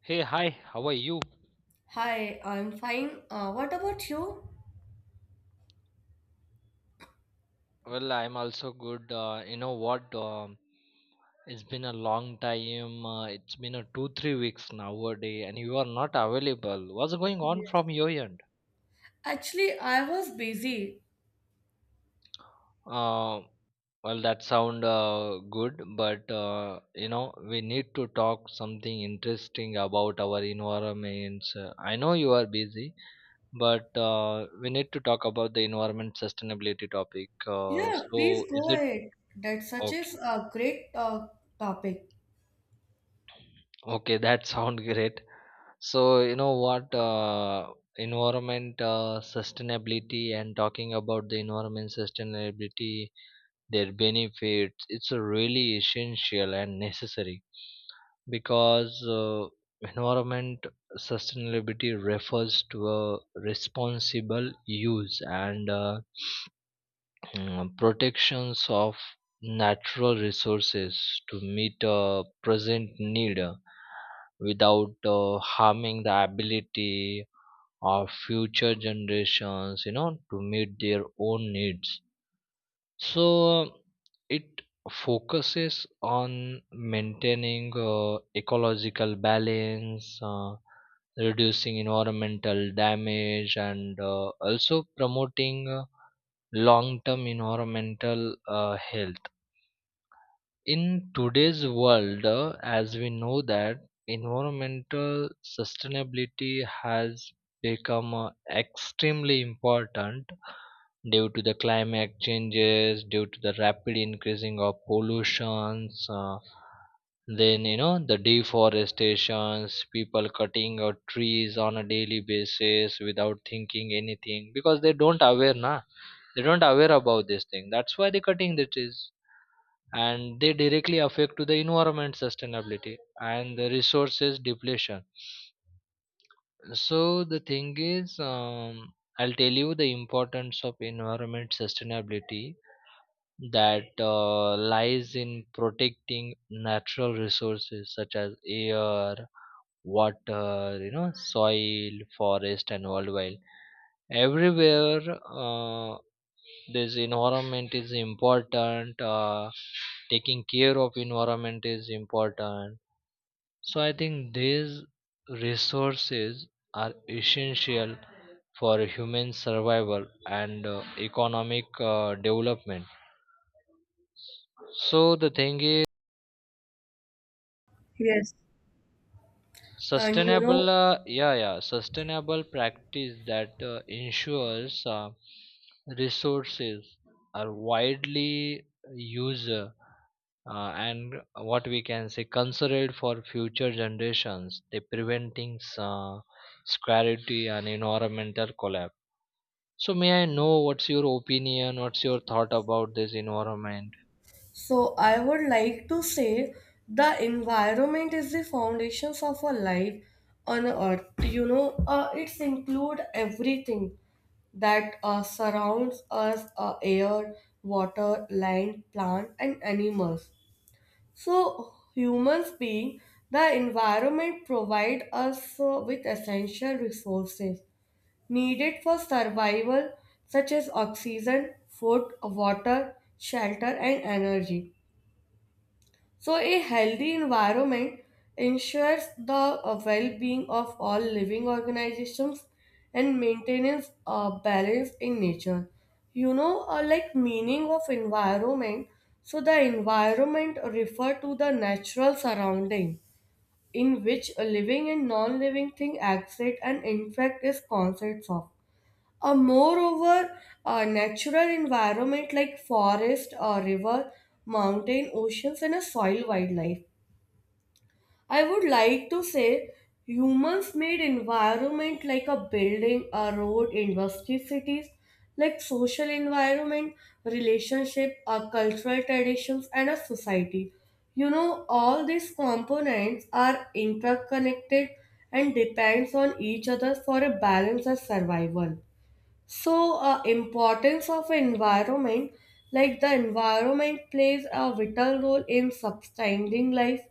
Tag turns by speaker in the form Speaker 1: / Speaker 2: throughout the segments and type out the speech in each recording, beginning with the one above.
Speaker 1: Hey, hi, how are you?
Speaker 2: Hi, I'm fine. What about you?
Speaker 1: Well, I'm also good. You know what? It's been a long time. It's been a two, 3 weeks nowadays, and you are not available. What's going on
Speaker 2: Yes.
Speaker 1: from your end?
Speaker 2: Actually, I was busy.
Speaker 1: Uh, well, that sound good, but you know we need to talk something interesting about our environments. I know you are busy, but we need to talk about the environment sustainability topic. Uh,
Speaker 2: Yeah, please
Speaker 1: so, is
Speaker 2: go
Speaker 1: it
Speaker 2: ahead. That such is
Speaker 1: okay?
Speaker 2: a great topic.
Speaker 1: Okay, that sounds great. So, you know what, environment sustainability, and talking about the environment sustainability, their benefits, it's a really essential and necessary because environment sustainability refers to a responsible use and protections of natural resources to meet a present need without harming the ability of future generations, you know, to meet their own needs. So it focuses on maintaining ecological balance, reducing environmental damage, and also promoting long term environmental health. In today's world, as we know that environmental sustainability has become extremely important due to the climate changes, due to the rapid increasing of pollutions, then you know the deforestations, people cutting out trees on a daily basis without thinking anything because they don't aware na, they don't aware about this thing, that's why they're cutting the trees and they directly affect to the environment sustainability and the resources depletion. So the thing is, I'll tell you the importance of environment sustainability that lies in protecting natural resources such as air, water, you know, soil, forest, and wildlife. Everywhere uh, this environment is important. Taking care of environment is important. So I think these resources are essential for human survival and economic development. So the thing is,
Speaker 2: Yes. And you know,
Speaker 1: sustainable yeah yeah sustainable practice that ensures resources are widely used, and what we can say, considered for future generations, they preventing scarcity and environmental collapse. So may I know what's your opinion, what's your thought about this environment?
Speaker 2: so I would like to say the environment is the foundations of our life on earth. It's include everything that surrounds us, air, water, land, plant, and animals. So humans being the environment provide us with essential resources needed for survival such as oxygen, food, water, shelter and energy. So a healthy environment ensures the well-being of all living organizations and maintains a balance in nature. You know, like meaning of environment. So the environment refer to the natural surrounding in which a living and non-living thing exist and interact is concepts of. A moreover, a natural environment like forest, a river, mountain, oceans, and a soil wildlife. I would like to say humans made environment like a building, a road, industry, cities, like social environment, relationship, a cultural traditions, and a society. You know, all these components are interconnected and depends on each other for a balance of survival. So, importance of environment, like the environment plays a vital role in sustaining life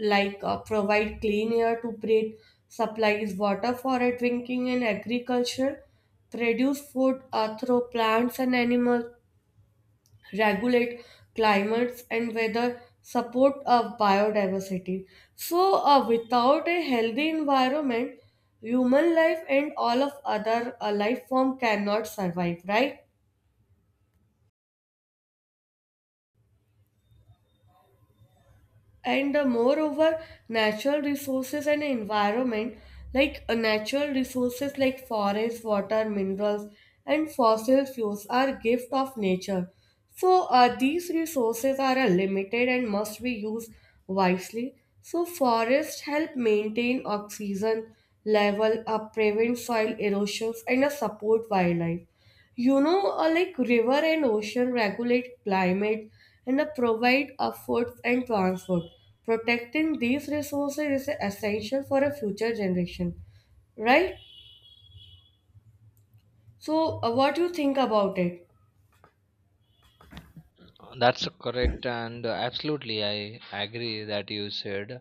Speaker 2: like provide clean air to breathe, supplies water for drinking and agriculture, produce food through plants and animals, regulate climates and weather, support of biodiversity. So without a healthy environment, human life and all of other life form cannot survive, right? And moreover natural resources and environment, like natural resources like forest water minerals and fossil fuels are gift of nature. So these resources are limited and must be used wisely. So forests help maintain oxygen level, prevent soil erosions and support wildlife. You know, like river and ocean regulate climate and provide food and transport. Protecting these resources is essential for a future generation, right? So, what you think about it?
Speaker 1: That's correct, and absolutely I agree that you said.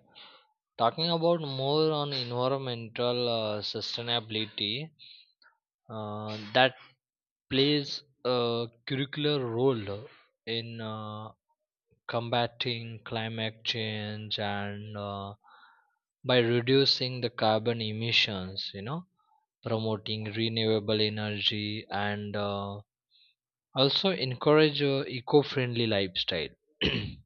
Speaker 1: Talking about more on environmental sustainability, that plays a curricular role in combating climate change and by reducing the carbon emissions, you know, promoting renewable energy, and also encourage eco-friendly lifestyle.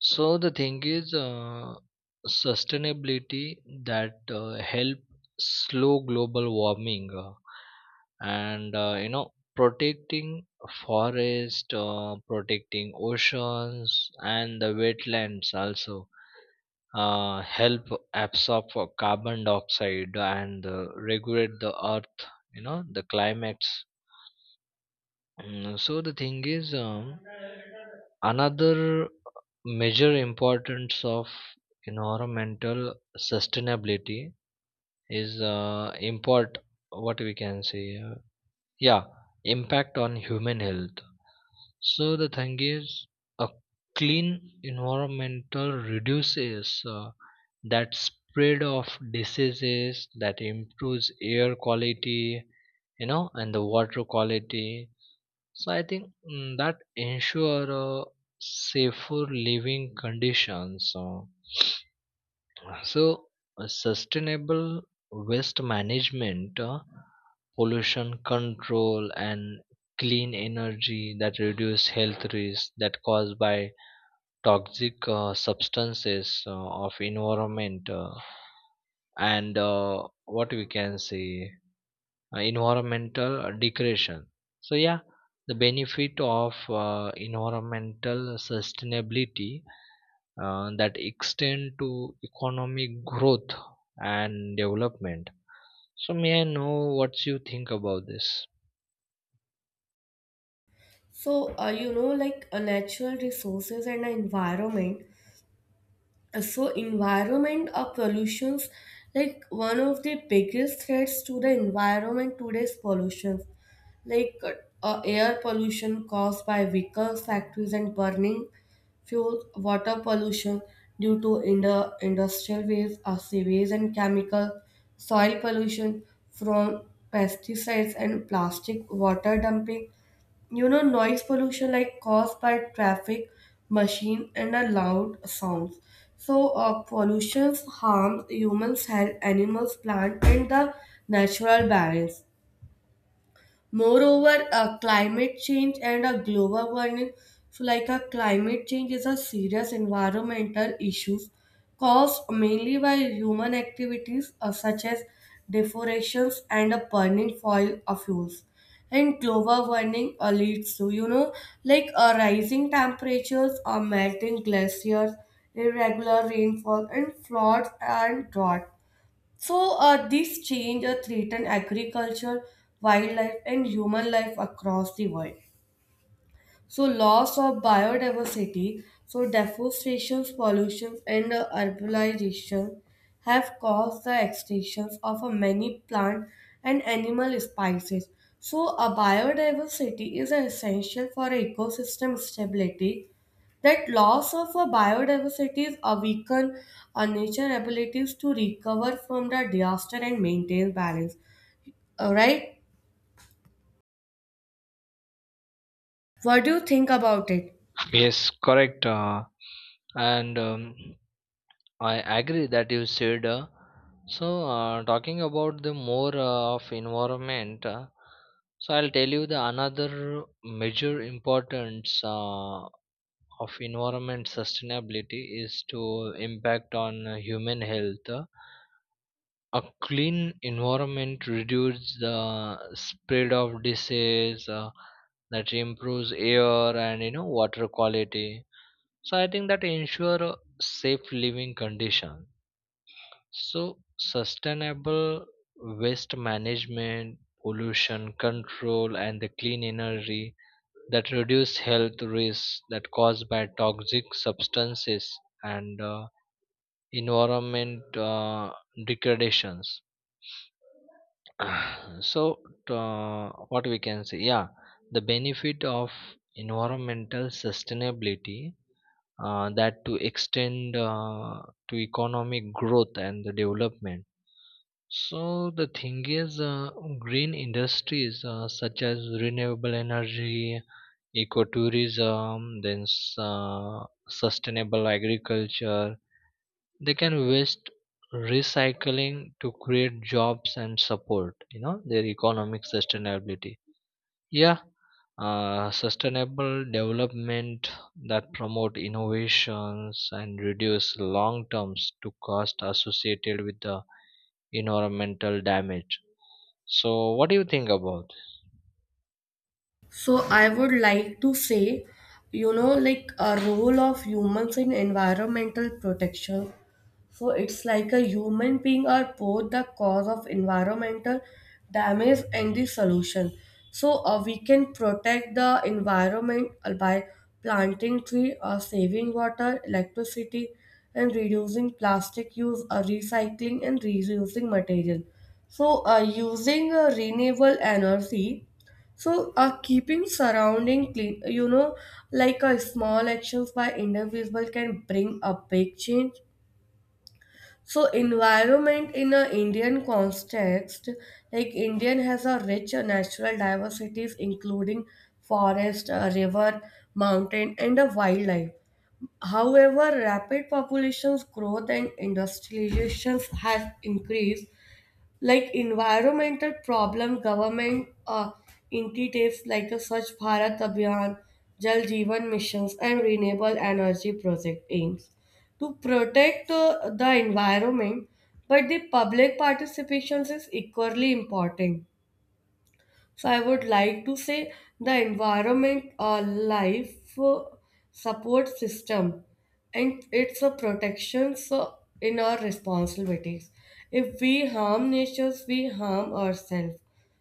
Speaker 1: So the thing is, sustainability that help slow global warming, and you know protecting forest, protecting oceans and the wetlands also help absorb carbon dioxide and regulate the earth. You know, the climates. So the thing is, another major importance of environmental sustainability is import. What we can say, yeah, impact on human health. So the thing is, a clean environmental reduces that spread of diseases, that improves air quality, you know, and the water quality. So I think that ensure safer living conditions. So, so sustainable waste management, pollution control, and clean energy that reduce health risks that caused by toxic substances of environment, and what we can say, environmental degradation. So yeah, the benefit of environmental sustainability that extend to economic growth and development. So may I know what you think about this?
Speaker 2: So, you know, like natural resources and environment. So environment or pollutions, like one of the biggest threats to the environment today's pollution, like air pollution caused by vehicles factories and burning fuels, water pollution due to industrial waste or sewage and chemical, soil pollution from pesticides and plastic water dumping, you know, noise pollution like caused by traffic machine and a loud sounds. So pollution harms humans health animals plant and the natural balance. Moreover, climate change and a global warming. So, like a climate change is a serious environmental issue caused mainly by human activities such as deforestations and a burning foil of fuels. And global warming leads to, you know, like rising temperatures, melting glaciers, irregular rainfall, and floods and drought. So, this change threaten agriculture, wildlife, and human life across the world. So loss of biodiversity, so deforestation, pollution, and urbanization have caused the extinctions of many plant and animal species. So a biodiversity is essential for ecosystem stability. That loss of a biodiversity is a weaken our nature abilities to recover from the disaster and maintain balance. Alright? What do you think about it?
Speaker 1: Yes, correct. And I agree that you said. So talking about the more of environment. So I'll tell you the another major importance of environment sustainability is to impact on human health. A clean environment reduces the spread of disease that improves air and, you know, water quality. So I think that ensure a safe living condition. So sustainable waste management, pollution control, and the clean energy that reduce health risks that caused by toxic substances and environment degradations. So uh, what we can say, yeah, the benefit of environmental sustainability that to extend to economic growth and the development. So the thing is, green industries such as renewable energy, ecotourism, then sustainable agriculture, they can waste recycling to create jobs and support, you know, their economic sustainability. Yeah, sustainable development that promote innovations and reduce long terms to cost associated with the environmental damage. So, what do you think about?
Speaker 2: So I would like to say, you know, like a role of humans in environmental protection. So it's like a human being are both the cause of environmental damage and the solution. So we can protect the environment by planting tree or saving water, electricity, and reducing plastic use or recycling and reusing material. So using renewable energy, so, keeping surrounding clean, you know, like a small actions by individual can bring a big change. So, environment in a Indian context, like Indian has a rich natural diversities, including forest, river, mountain, and a wildlife. However, rapid populations growth and industrializations has increased like environmental problem government initiatives like the Swachh Bharat Abhiyan, Jal Jeevan missions, and renewable energy project aims to protect the environment, but the public participation is equally important. So I would like to say the environment or life support system and it's a protection so in our responsibilities. If we harm nature, we harm ourselves.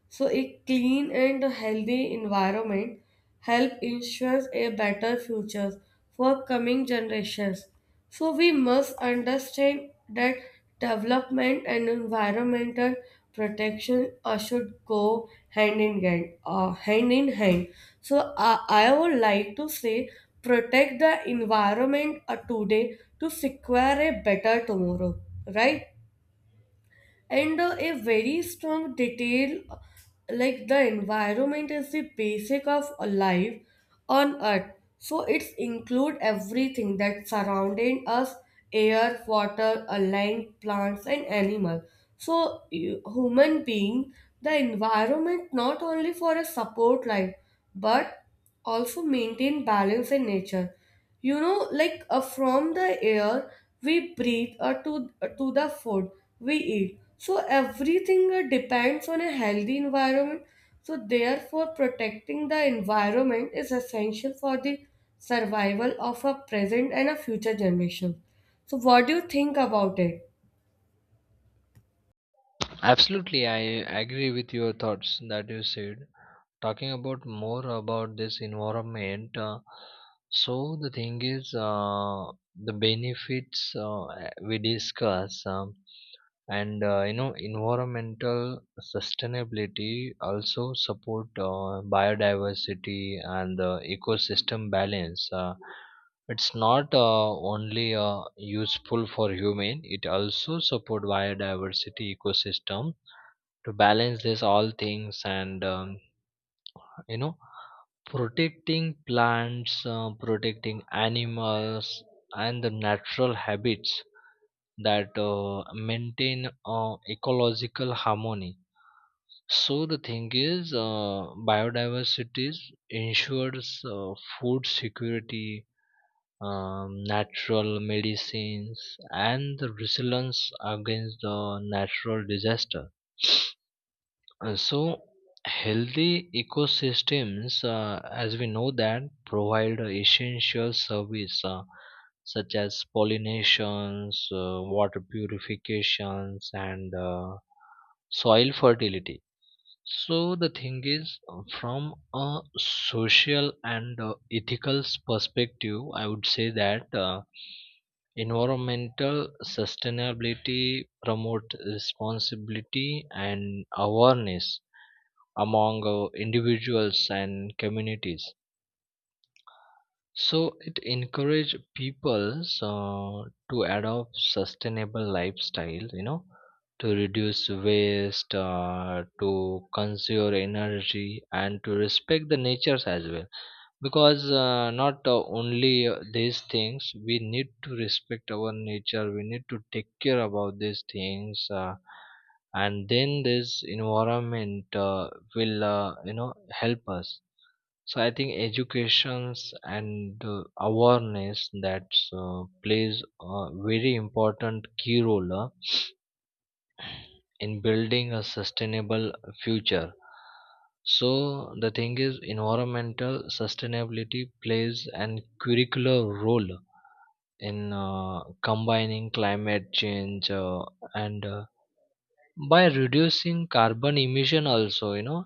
Speaker 2: So a clean and healthy environment help ensures a better future for coming generations. So we must understand that development and environmental protection should go hand in hand. So I would like to say protect the environment today to secure a better tomorrow. Right? And a very strong detail, like the environment is the basic of a life on earth. So it's include everything that surrounding us, air, water, a land, plants and animal. So human being, the environment not only for a support life but also maintain balance in nature. You know, like from the air we breathe or to the food we eat. So everything depends on a healthy environment. So therefore protecting the environment is essential for the survival of a present and a future generation. So what do you think about it?
Speaker 1: Absolutely, I agree with your thoughts that you said. Talking about more about this environment, so the thing is, the benefits we discuss, and you know, environmental sustainability also support biodiversity and the ecosystem balance. It's not only useful for human, it also support biodiversity ecosystem to balance this all things, and you know, protecting plants, protecting animals and the natural habits that maintain ecological harmony. So the thing is, biodiversity ensures food security, natural medicines, and the resilience against the natural disaster. So healthy ecosystems, as we know, that provide essential service such as pollinations, water purifications, and soil fertility. So the thing is, from a social and ethical perspective, I would say that environmental sustainability promote responsibility and awareness among individuals and communities. So it encourage people, so, to adopt sustainable lifestyle, you know, to reduce waste, to conserve energy, and to respect the natures as well. Because not only these things, we need to respect our nature. We need to take care about these things, and then this environment will, you know, help us. So I think educations and awareness that plays a very important key role in building a sustainable future. So the thing is, environmental sustainability plays an curricular role in combining climate change and by reducing carbon emission also, you know,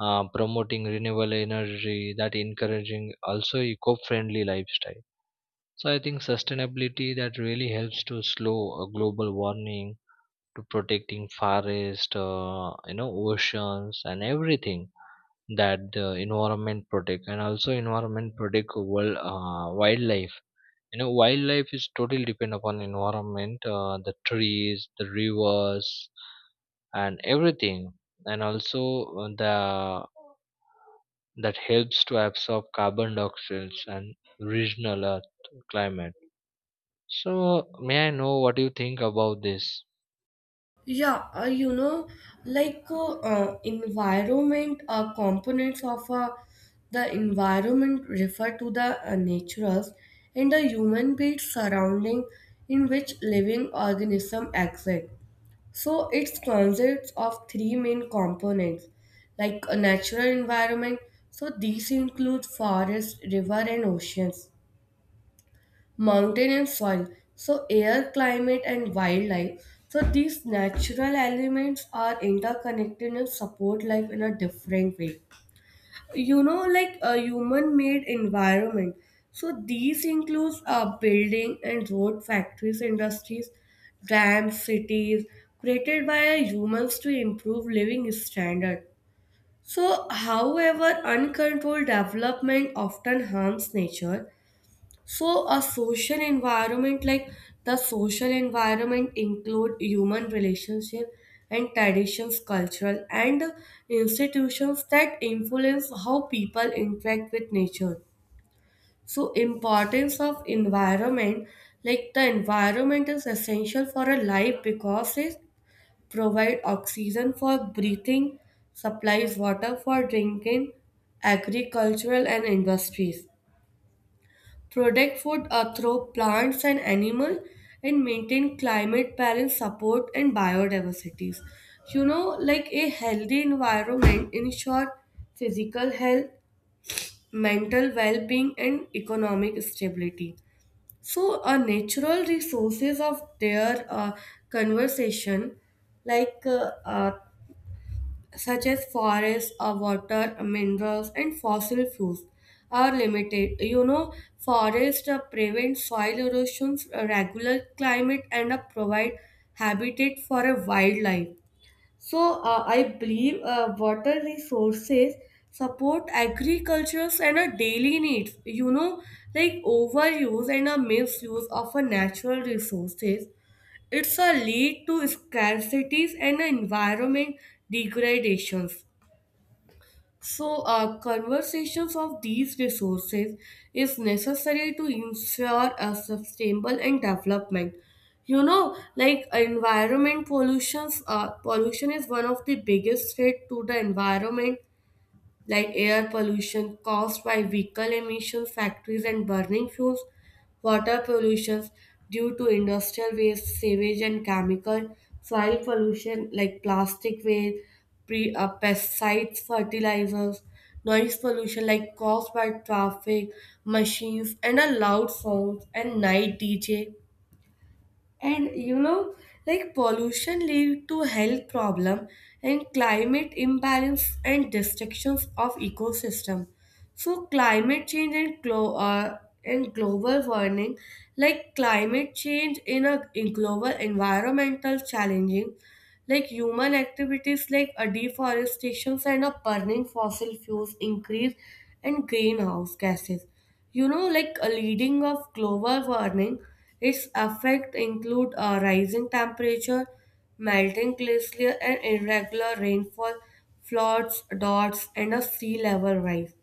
Speaker 1: promoting renewable energy, that encouraging also eco-friendly lifestyle. So I think sustainability that really helps to slow global warming, to protecting forest, you know, oceans and everything that the environment protect, and also environment protect world wildlife. You know, wildlife is totally depend upon environment, the trees, the rivers, and everything. And also the that helps to absorb carbon dioxide and regional earth climate. So may I know what you think about this?
Speaker 2: Yeah, you know, like environment components of the environment refer to the naturals and the human being surrounding in which living organism exist. So it consists of three main components, like a natural environment. So these include forest, river, and oceans, mountain and soil, so air, climate and wildlife. So these natural elements are interconnected and support life in a different way. You know, like a human made environment, so these includes building and road, factories, industries, dams, cities, created by humans to improve living standard. So however uncontrolled development often harms nature. So a social environment like the social environment include human relationship and traditions, cultural and institutions that influence how people interact with nature. So importance of environment, like the environment is essential for a life because it provide oxygen for breathing, supplies water for drinking, agricultural and industries, protect food through plants and animal, and maintain climate balance, support and biodiversities. You know, like a healthy environment ensure physical health, mental well-being and economic stability. So natural resources of their conversation, like such as forests or water, minerals, and fossil fuels are limited. You know, forests prevent soil erosions, regulate climate, and provide habitat for a wildlife. So I believe water resources support agriculture and a daily needs. You know, like overuse and a misuse of a natural resources. It's a lead to scarcities and a environment degradations. So, conversations of these resources is necessary to ensure a sustainable and development. You know, like environment pollutions, pollution is one of the biggest threat to the environment, like air pollution caused by vehicle emissions, factories, and burning fuels, water pollution due to industrial waste, sewage, and chemical, soil pollution like plastic waste, pesticides, fertilizers, noise pollution like caused by traffic, machines, and a loud sounds and night DJ. And you know, like pollution lead to health problem and climate imbalance and destructions of ecosystem. So climate change and, global warming, like climate change in a in global environmental challenging, like human activities like a deforestation and a burning fossil fuels increase and greenhouse gases. You know, like a leading of global warming, its effects include a rising temperature, melting glacier, and irregular rainfall, floods, droughts, and a sea level rise.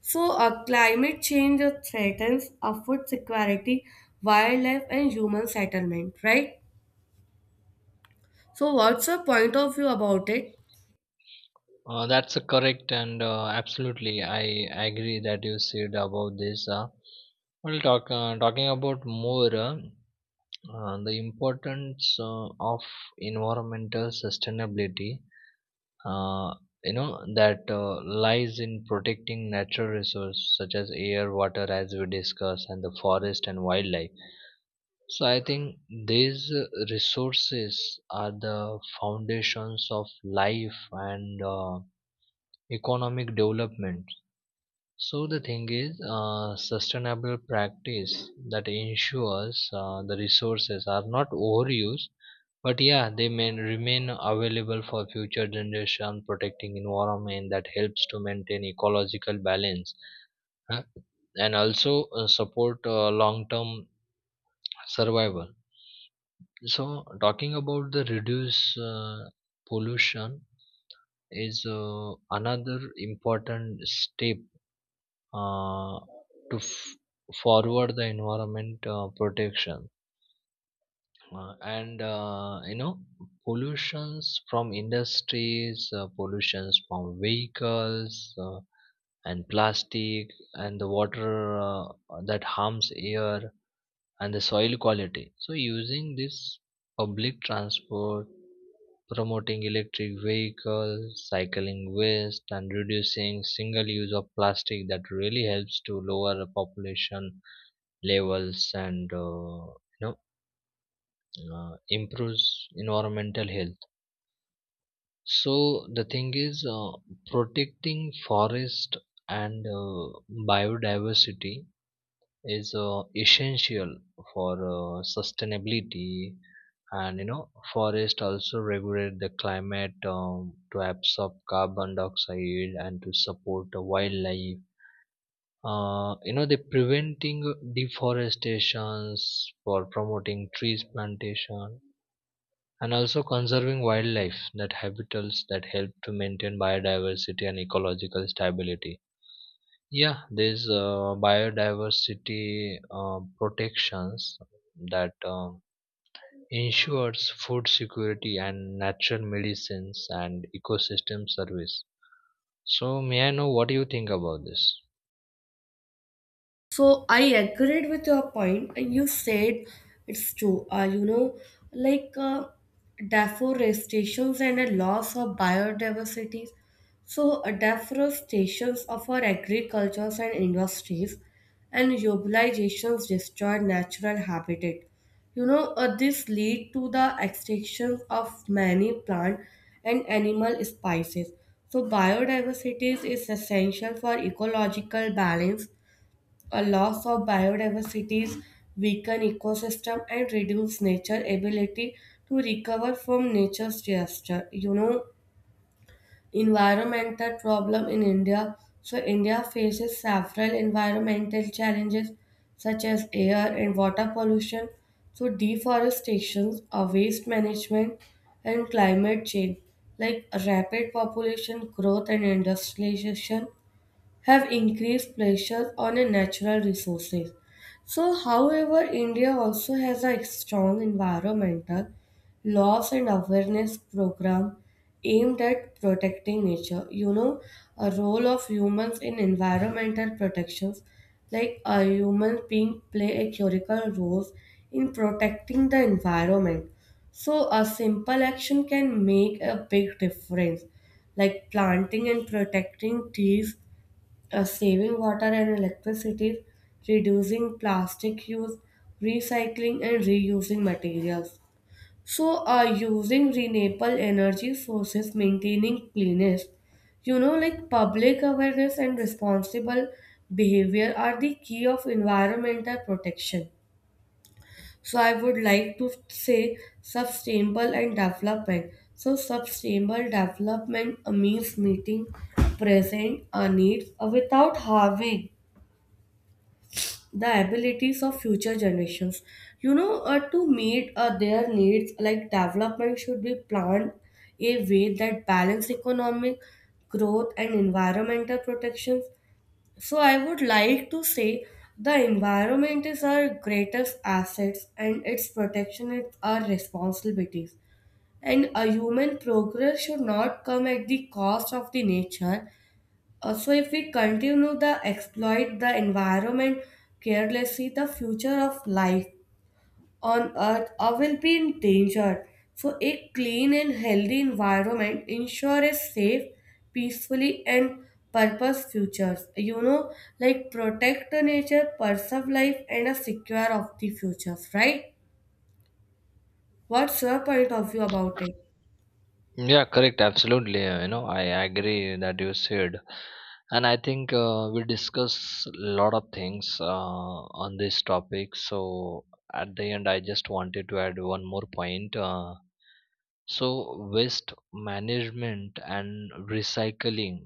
Speaker 2: So, climate change threatens food security, wildlife, and human settlement, right? So, what's your point of view about it?
Speaker 1: That's a correct, and absolutely I agree that you said about this. We'll talk Talking about more, the importance of environmental sustainability, uh, you know, that lies in protecting natural resources such as air, water, as we discussed, and the forest and wildlife. So I think these resources are the foundations of life and economic development. So the thing is, sustainable practice that ensures the resources are not overused, but yeah, they may remain available for future generation. Protecting environment that helps to maintain ecological balance, huh, and also support long-term survival. So talking about the reduce pollution is another important step uh, to forward the environment protection, and you know, pollutions from industries, pollutions from vehicles, and plastic and the water, that harms air and the soil quality. So using this public transport, promoting electric vehicles, cycling waste, and reducing single use of plastic that really helps to lower the population levels, and you know, improves environmental health. So the thing is, protecting forest and biodiversity is essential for sustainability. And you know, forest also regulate the climate, to absorb carbon dioxide and to support the wildlife. You know, they preventing deforestations, for promoting trees plantation, and also conserving wildlife that habitats that help to maintain biodiversity and ecological stability. Yeah, there's biodiversity protections that ensures food security and natural medicines and ecosystem service. So may I know what do you think about this?
Speaker 2: So I agreed with your point, and you said it's true. You know, like deforestations and a loss of biodiversity. So deforestations of our agricultures and industries, and urbanizations destroy natural habitat. You know, this lead to the extinction of many plant and animal species. So biodiversity is essential for ecological balance, a loss of biodiversity, weaken ecosystem, and reduce nature ability to recover from nature's disaster. You know, environmental problem in India. So India faces several environmental challenges such as air and water pollution, so deforestation, waste management, and climate change, like rapid population growth and industrialization have increased pressure on a natural resources. So, however, India also has a strong environmental laws and awareness program aimed at protecting nature. You know, a role of humans in environmental protections, like a human being play a critical role in protecting the environment. So, a simple action can make a big difference, like planting and protecting trees, saving water and electricity, reducing plastic use, recycling and reusing materials. So, using renewable energy sources, maintaining cleanliness, you know, like public awareness and responsible behavior are the key of environmental protection. So, I would like to say sustainable and development. So, sustainable development means meeting present needs without harming the abilities of future generations, you know, to meet their needs, like development should be planned a way that balance economic growth and environmental protections. So I would like to say the environment is our greatest assets and its protection is our responsibilities, and a human progress should not come at the cost of the nature. Also, if we continue to exploit the environment carelessly, the future of life on Earth will be in danger. So, a clean and healthy environment ensure a safe, peacefully, and purpose futures. You know, like protect the nature, preserve life, and a secure of the futures. Right? What's your point of view about it?
Speaker 1: Yeah, correct, absolutely. You know, I agree that you said, and I think we discuss a lot of things on this topic. So at the end I just wanted to add one more point. So waste management and recycling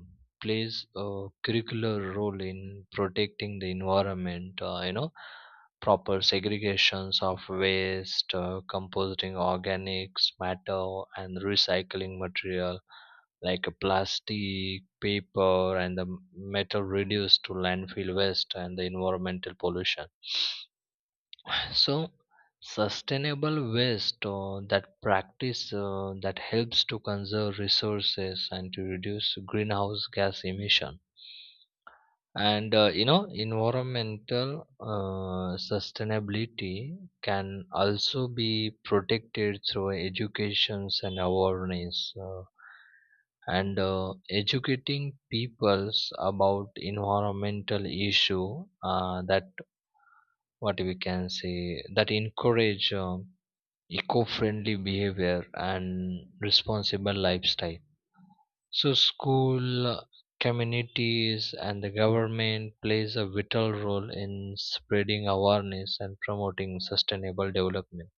Speaker 1: plays a curricular role in protecting the environment. You know, proper segregations of waste, composting organics matter, and recycling material like a plastic, paper, and the metal reduced to landfill waste and the environmental pollution. So, sustainable waste, that practice that helps to conserve resources and to reduce greenhouse gas emission. And you know, environmental sustainability can also be protected through educations and awareness, and educating peoples about environmental issue that, what we can say, that encourage eco-friendly behavior and responsible lifestyle. So school, communities, and the government plays a vital role in spreading awareness and promoting sustainable development.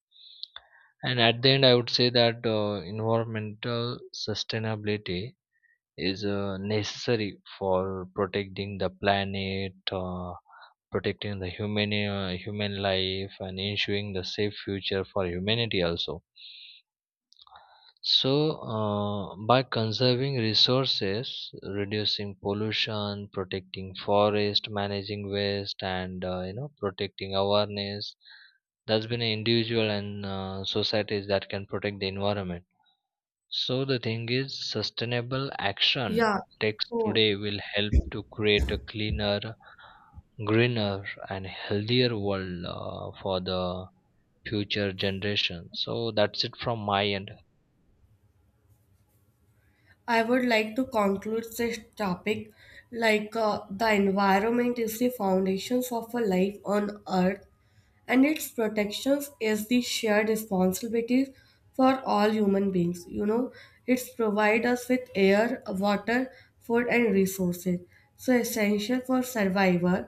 Speaker 1: And at the end, I would say that environmental sustainability is necessary for protecting the planet, protecting the human, human life, and ensuring the safe future for humanity also. So, by conserving resources, reducing pollution, protecting forest, managing waste, and you know, protecting awareness, that's been an individual and societies, that can protect the environment. So the thing is, sustainable action
Speaker 2: Yeah.
Speaker 1: takes
Speaker 2: So.
Speaker 1: today will help to create a cleaner, greener, and healthier world for the future generation. So that's it from my end.
Speaker 2: I would like to conclude this topic, like the environment is the foundations of a life on earth and its protections is the shared responsibility for all human beings. You know, it's provide us with air, water, food and resources so essential for survival.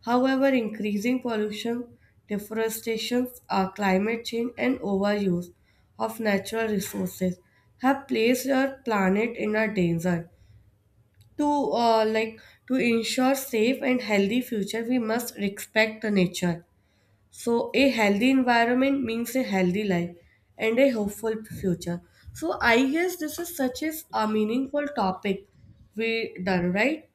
Speaker 2: However, increasing pollution, deforestation, climate change, and overuse of natural resources have placed our planet in a danger. To like to ensure safe and healthy future, we must respect the nature. So, a healthy environment means a healthy life and a hopeful future. So, I guess this is such a meaningful topic we done right.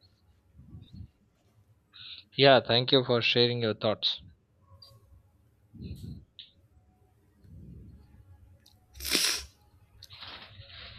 Speaker 1: Yeah, thank you for sharing your thoughts.